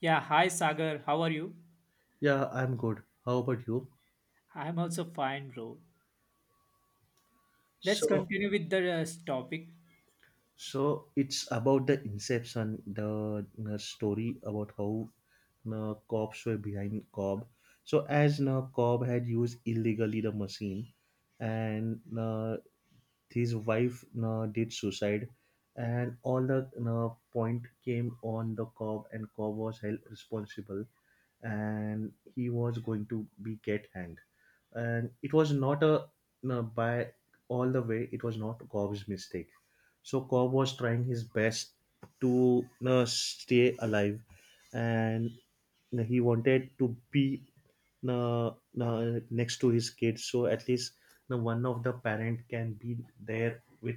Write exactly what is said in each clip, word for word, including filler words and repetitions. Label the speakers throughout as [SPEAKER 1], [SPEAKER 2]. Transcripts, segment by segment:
[SPEAKER 1] Yeah, hi Sagar, how are you?
[SPEAKER 2] Yeah, I'm good. How about you?
[SPEAKER 1] I'm also fine, bro. Let's
[SPEAKER 2] So,
[SPEAKER 1] continue with the uh, topic.
[SPEAKER 2] so it's about the Inception, the uh, story about how uh, cops were behind Cobb. So, as uh, Cobb had used illegally the machine, and uh, his wife uh, did suicide, and all the uh, point came on the Cobb, and Cobb was held responsible, and he was going to be get hanged, and it was not a, no, by all the way it was not Cobb's mistake. So Cobb was trying his best to uh, stay alive, and he wanted to be uh, uh, next to his kids, so at least uh, one of the parent can be there with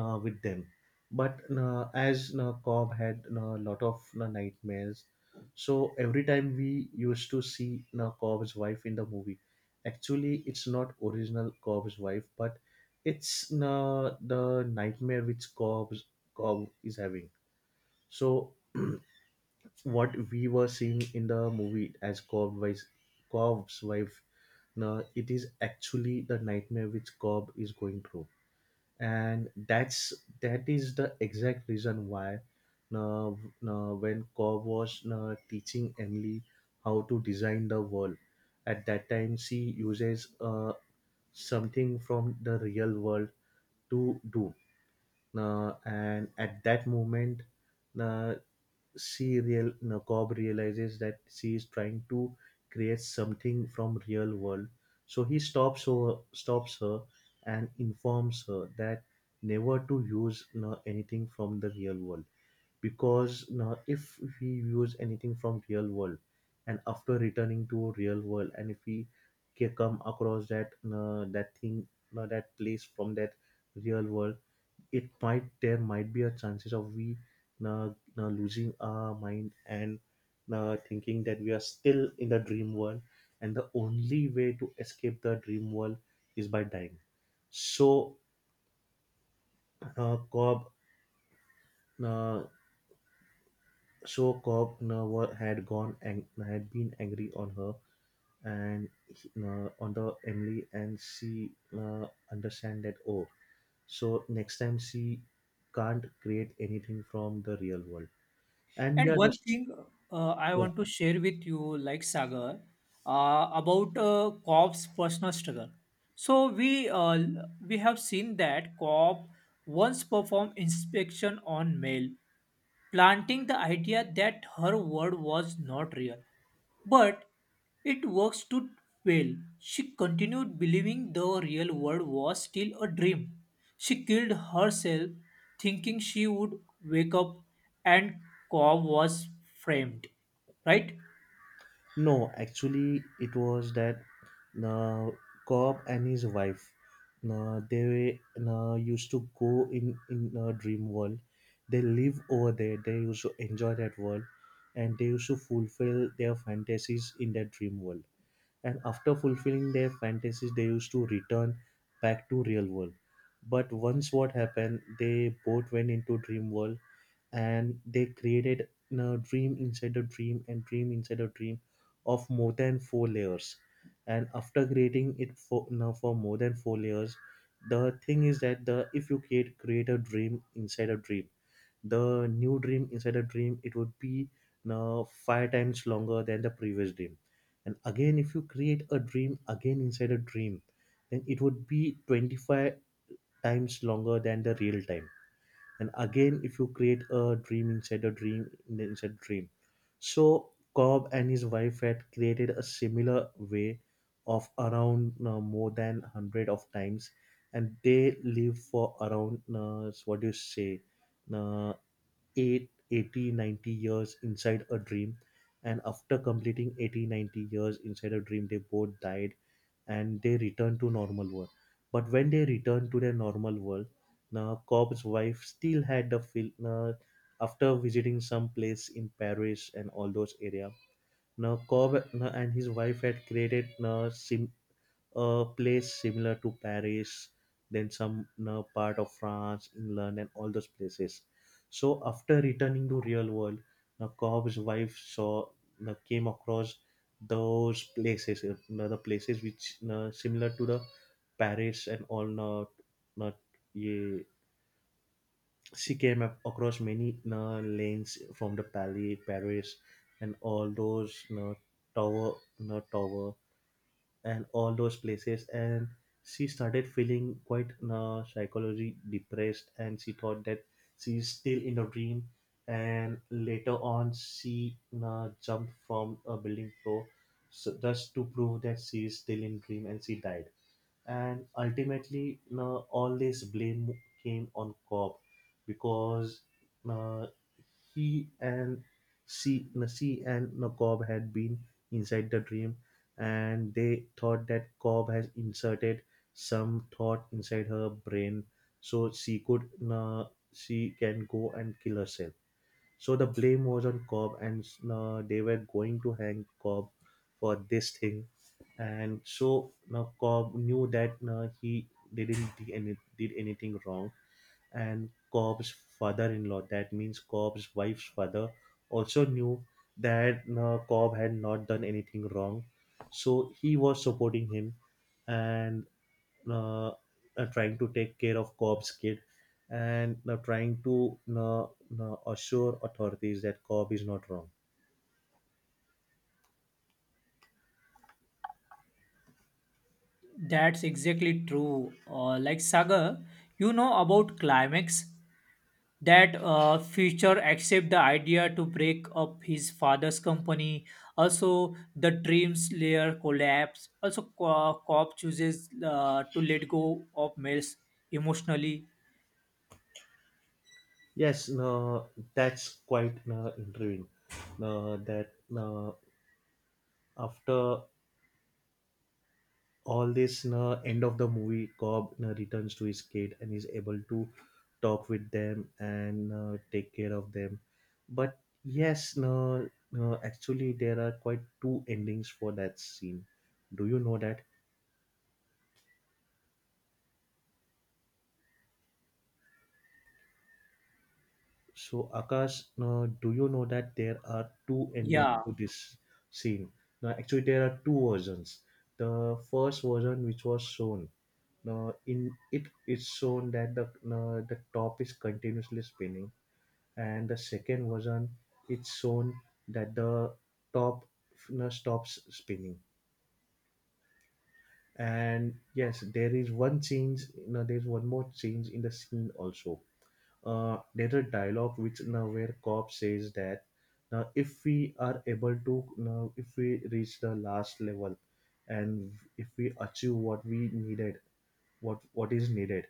[SPEAKER 2] uh, with them. But uh, as uh, Cobb had a lot of uh, nightmares, so every time we used to see uh, Cobb's wife in the movie, actually it's not original Cobb's wife, but it's uh, the nightmare which cobb's cobb is having. So what we were seeing in the movie as Cobb wife, Cobb's wife, now it is actually the nightmare which Cobb is going through, and that's that is the exact reason why now, now when Cobb was now teaching Emily how to design the world, at that time she uses uh, something from the real world to do. Uh, and at that moment, uh, she real uh, Cobb realizes that she is trying to create something from real world. So he stops her stops her and informs her that never to use uh, anything from the real world, because uh, if we use anything from real world, and after returning to real world, and if we ca- come across that uh, that thing, uh, that place from that real world, it might, there might be a chances of we uh, uh, losing our mind and uh, thinking that we are still in the dream world, and the only way to escape the dream world is by dying. So uh, cobb uh, so cobb uh, wa- had gone and had been angry on her, and uh, on the Emily, and she uh, understand that. Oh, so next time she can't create anything from the real world. And
[SPEAKER 1] And
[SPEAKER 2] yeah,
[SPEAKER 1] one
[SPEAKER 2] just
[SPEAKER 1] thing uh, I
[SPEAKER 2] yeah.
[SPEAKER 1] want to share with you, like Sagar, uh, about uh, Cobb's personal struggle. So we uh, l- we have seen that Cobb once performed inspection on mail, planting the idea that her word was not real. But it works too well. She continued believing the real world was still a dream. She killed herself thinking she would wake up, and Cobb was framed, right?
[SPEAKER 2] No, actually, it was that uh, Cobb and his wife, uh, they uh, used to go in in a dream world. They live over there, they used to enjoy that world, and they used to fulfill their fantasies in that dream world. And after fulfilling their fantasies, they used to return back to real world. But once what happened, they both went into dream world, and they created a dream inside a dream, and dream inside a dream of more than four layers. And after creating it for now for more than four layers, the thing is that the if you create create a dream inside a dream, the new dream inside a dream, it would be now five times longer than the previous dream. And again, if you create a dream again inside a dream, then it would be twenty-five times longer than the real time. And again, if you create a dream inside a dream in- inside a dream. So Cobb and his wife had created a similar way of around uh, more than a hundred of times, and they lived for around, uh, what do you say, uh, eight, eighty, ninety years inside a dream. And after completing eighty, ninety years inside a dream, they both died, and they return to normal world. But when they return to their normal world, now Cobb's wife still had the feel. Uh, after visiting some place in Paris and all those area, now Cobb uh, and his wife had created uh, sim- a place similar to Paris, then some uh, part of France, England, and all those places. So after returning to real world, the Cobb's wife saw uh, came across those places, uh, the places which uh, similar to the Paris and all. Uh, uh, ye, she came up across many uh, lanes from the Palais, Paris, and all those uh, tower, uh, tower, and all those places, and she started feeling quite uh, psychology depressed, and she thought that she's still in a dream. And later on, she uh, jumped from a building floor, so just to prove that she is still in dream, and she died. And ultimately, no, all this blame came on Cobb, because, no, he and C, no, C and, no, Cobb had been inside the dream, and they thought that Cobb has inserted some thought inside her brain, so she could, no, she can go and kill herself. So the blame was on Cobb, and uh, they were going to hang Cobb for this thing. And so now Cobb knew that uh, he didn't did, any, did anything wrong. And Cobb's father-in-law, that means Cobb's wife's father, also knew that uh, Cobb had not done anything wrong. So he was supporting him, and uh, uh, trying to take care of Cobb's kid, and uh, trying to uh, uh, assure authorities that Cobb is not wrong.
[SPEAKER 1] That's exactly true. Uh, like Sagar, you know about climax that uh, future accept the idea to break up his father's company. Also, the dreams layer collapse. Also, Co- Cobb chooses uh, to let go of Mills emotionally.
[SPEAKER 2] Yes, uh, that's quite uh, intriguing. Uh, that, uh, after all this, uh, end of the movie, Cobb uh, returns to his kid and is able to talk with them and uh, take care of them. But yes, no, no, actually, there are quite two endings for that scene. Do you know that? So, Akash, uh, do you know that there are two endings
[SPEAKER 1] Yeah,
[SPEAKER 2] to this scene? Now, actually, there are two versions. The first version, which was shown, now in it, it's shown that the uh, the top is continuously spinning, and the second version, it's shown that the top uh, stops spinning. And yes, there is one change. You know, there is one more change in the scene also. Uh, there's a dialogue, which now where cop says that now if we are able to, now if we reach the last level and if we achieve what we needed, what what is needed,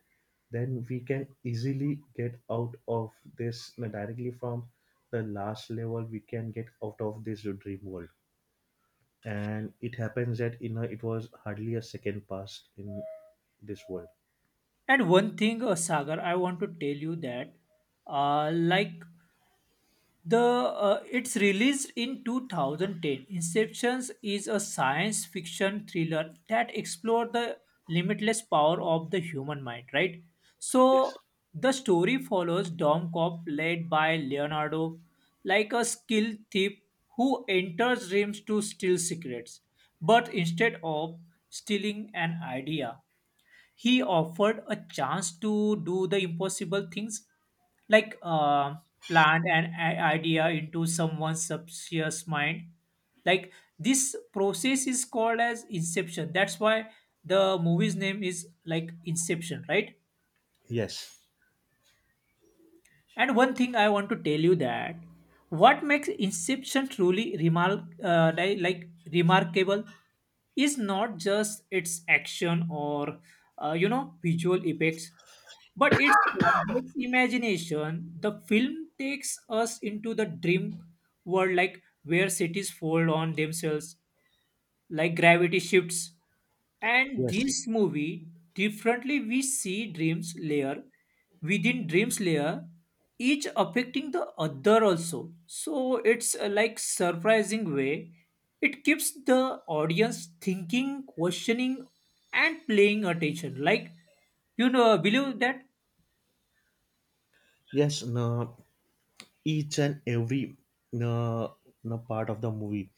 [SPEAKER 2] then we can easily get out of this, now directly from the last level we can get out of this dream world. And it happens that, you know, it was hardly a second past in this world.
[SPEAKER 1] and one thing, uh, Sagar, I want to tell you that, uh, like The uh, it's released in two thousand ten. Inceptions is a science fiction thriller that explores the limitless power of the human mind, right? So
[SPEAKER 2] Yes.
[SPEAKER 1] the story follows Dom Cop led by Leonardo, like a skilled thief who enters dreams to steal secrets. But instead of stealing an idea, he offered a chance to do the impossible things like uh, plant an i- idea into someone's subconscious mind. Like, this process is called as inception. That's why the movie's name is like Inception, right?
[SPEAKER 2] Yes,
[SPEAKER 1] And one thing I want to tell you that what makes Inception truly remark uh, like, like remarkable is not just its action or uh, you know, visual effects, but its complex imagination. The film takes us into the dream world, like where cities fold on themselves, like gravity shifts. And
[SPEAKER 2] yes,
[SPEAKER 1] this movie, differently, we see dreams layer within dreams layer, each affecting the other also. So it's a, like, surprising way. It keeps the audience thinking, questioning, and playing attention, like, you know, believe that.
[SPEAKER 2] yes. No, each and every uh, uh, part of the movie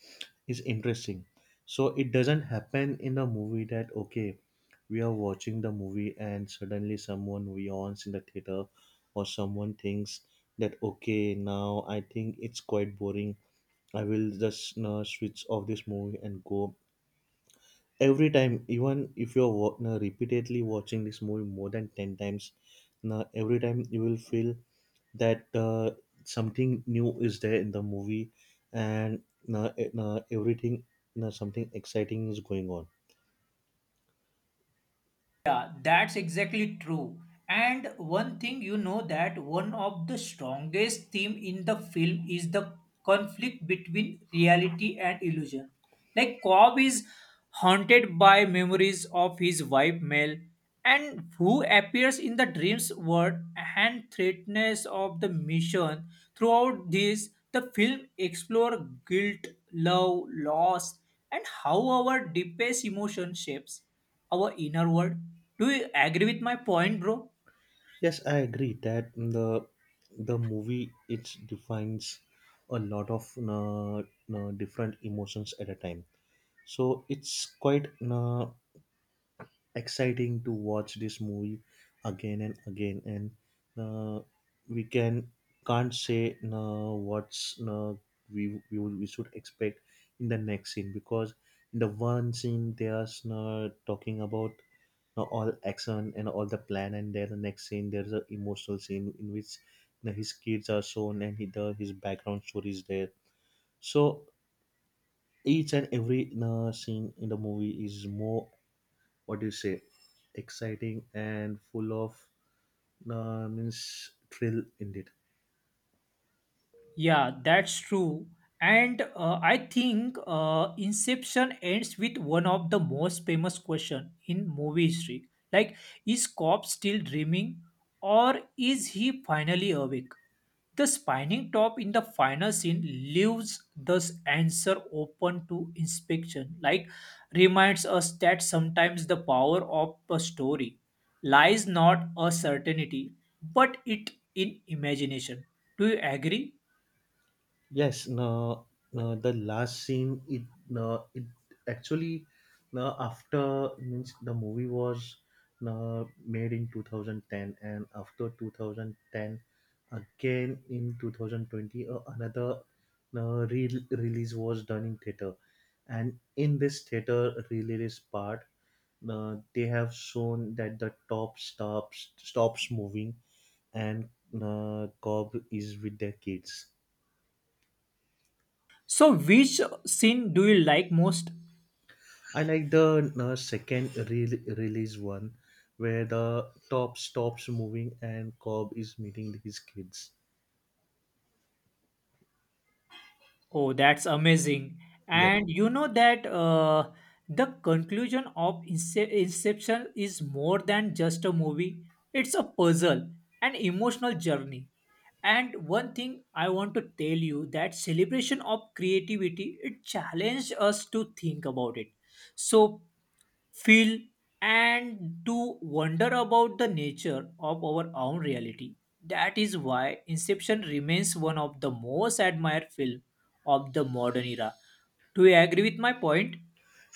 [SPEAKER 2] is interesting. So it doesn't happen in a movie that, okay, we are watching the movie and suddenly someone yawns in the theater, or someone thinks that, okay, now I think it's quite boring, I will just uh, switch off this movie and go. Every time, even if you're wa- uh, repeatedly watching this movie more than ten times, now every time you will feel that uh, something new is there in the movie, and uh, it- uh, everything, uh, something exciting is going on.
[SPEAKER 1] Yeah, that's exactly true. And one thing you know that one of the strongest theme in the film is the conflict between reality and illusion. Like Cobb is haunted by memories of his wife Mel and who appears in the dreams world and threatness of the mission. Throughout this, the film explore guilt, love, loss, and how our deepest emotion shapes our inner world. Do you agree with my point, bro?
[SPEAKER 2] Yes, I agree that the the movie, it defines a lot of uh, uh, different emotions at a time. So it's quite uh, exciting to watch this movie again and again, and uh, we can can't say, no, what's, no, we we, would, we should expect in the next scene. Because in the one scene they are, no, talking about, no, all action and all the plan, and then the next scene there's an emotional scene in which, no, his kids are shown, and he, the, his background story is there. So each and every, no, scene in the movie is more, what do you say, exciting and full of uh, means thrill indeed.
[SPEAKER 1] Yeah, that's true. And uh, I think uh, Inception ends with one of the most famous question in movie history. Like, is Cobb still dreaming or is he finally awake? The spinning top in the final scene leaves this answer open to inspection, like reminds us that sometimes the power of a story lies not a certainty, but it in imagination. Do you agree?
[SPEAKER 2] Yes, no, no, the last scene, it, no, it actually, no, after means the movie was, no, made in two thousand ten, and after two thousand ten, again in twenty twenty, uh, another, no, re- release was done in theater, and in this theater release part, no, they have shown that the top stops stops moving, and uh, Cobb is with their kids.
[SPEAKER 1] So, which scene do you like most?
[SPEAKER 2] I like the uh, second re- release one, where the top stops moving and Cobb is meeting his kids.
[SPEAKER 1] Oh, that's amazing.
[SPEAKER 2] Yeah.
[SPEAKER 1] And you know that uh, the conclusion of Ince- Inception is more than just a movie, it's a puzzle, an emotional journey. And one thing I want to tell you that celebration of creativity it challenged us to think about it. So feel, and do wonder about the nature of our own reality. That is why Inception remains one of the most admired films of the modern era. Do you agree with my point?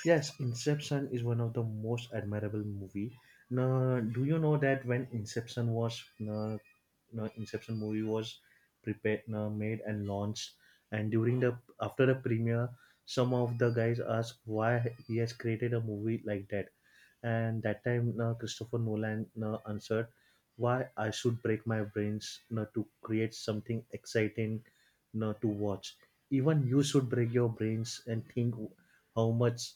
[SPEAKER 2] Yes, Inception is one of the most admirable movie. Now, do you know that when Inception was, uh, no, Inception movie was prepared, no, made and launched, and during the after the premiere, some of the guys asked why he has created a movie like that. And that time uh, Christopher Nolan uh, answered, why I should break my brains uh, to create something exciting uh, to watch. Even you should break your brains and think how much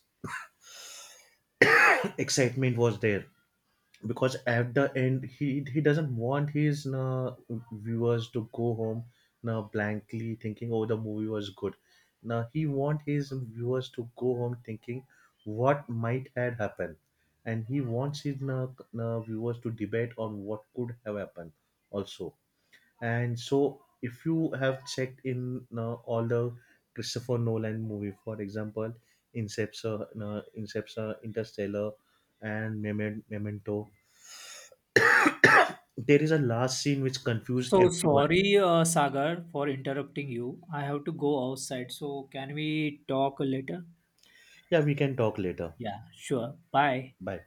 [SPEAKER 2] excitement was there. Because at the end he he doesn't want his uh, viewers to go home now blankly thinking, oh, the movie was good. Now he want his viewers to go home thinking what might had happened. And he wants his uh, uh, viewers to debate on what could have happened also. And so if you have checked in uh, all the Christopher Nolan movie, for example, inception uh, inception interstellar, and Memen- memento, there is a last scene which confused
[SPEAKER 1] So
[SPEAKER 2] everyone.
[SPEAKER 1] sorry, uh, Sagar, for interrupting you. I have to go outside. So can we talk later?
[SPEAKER 2] Yeah, we can talk later.
[SPEAKER 1] Yeah, sure. Bye.
[SPEAKER 2] Bye.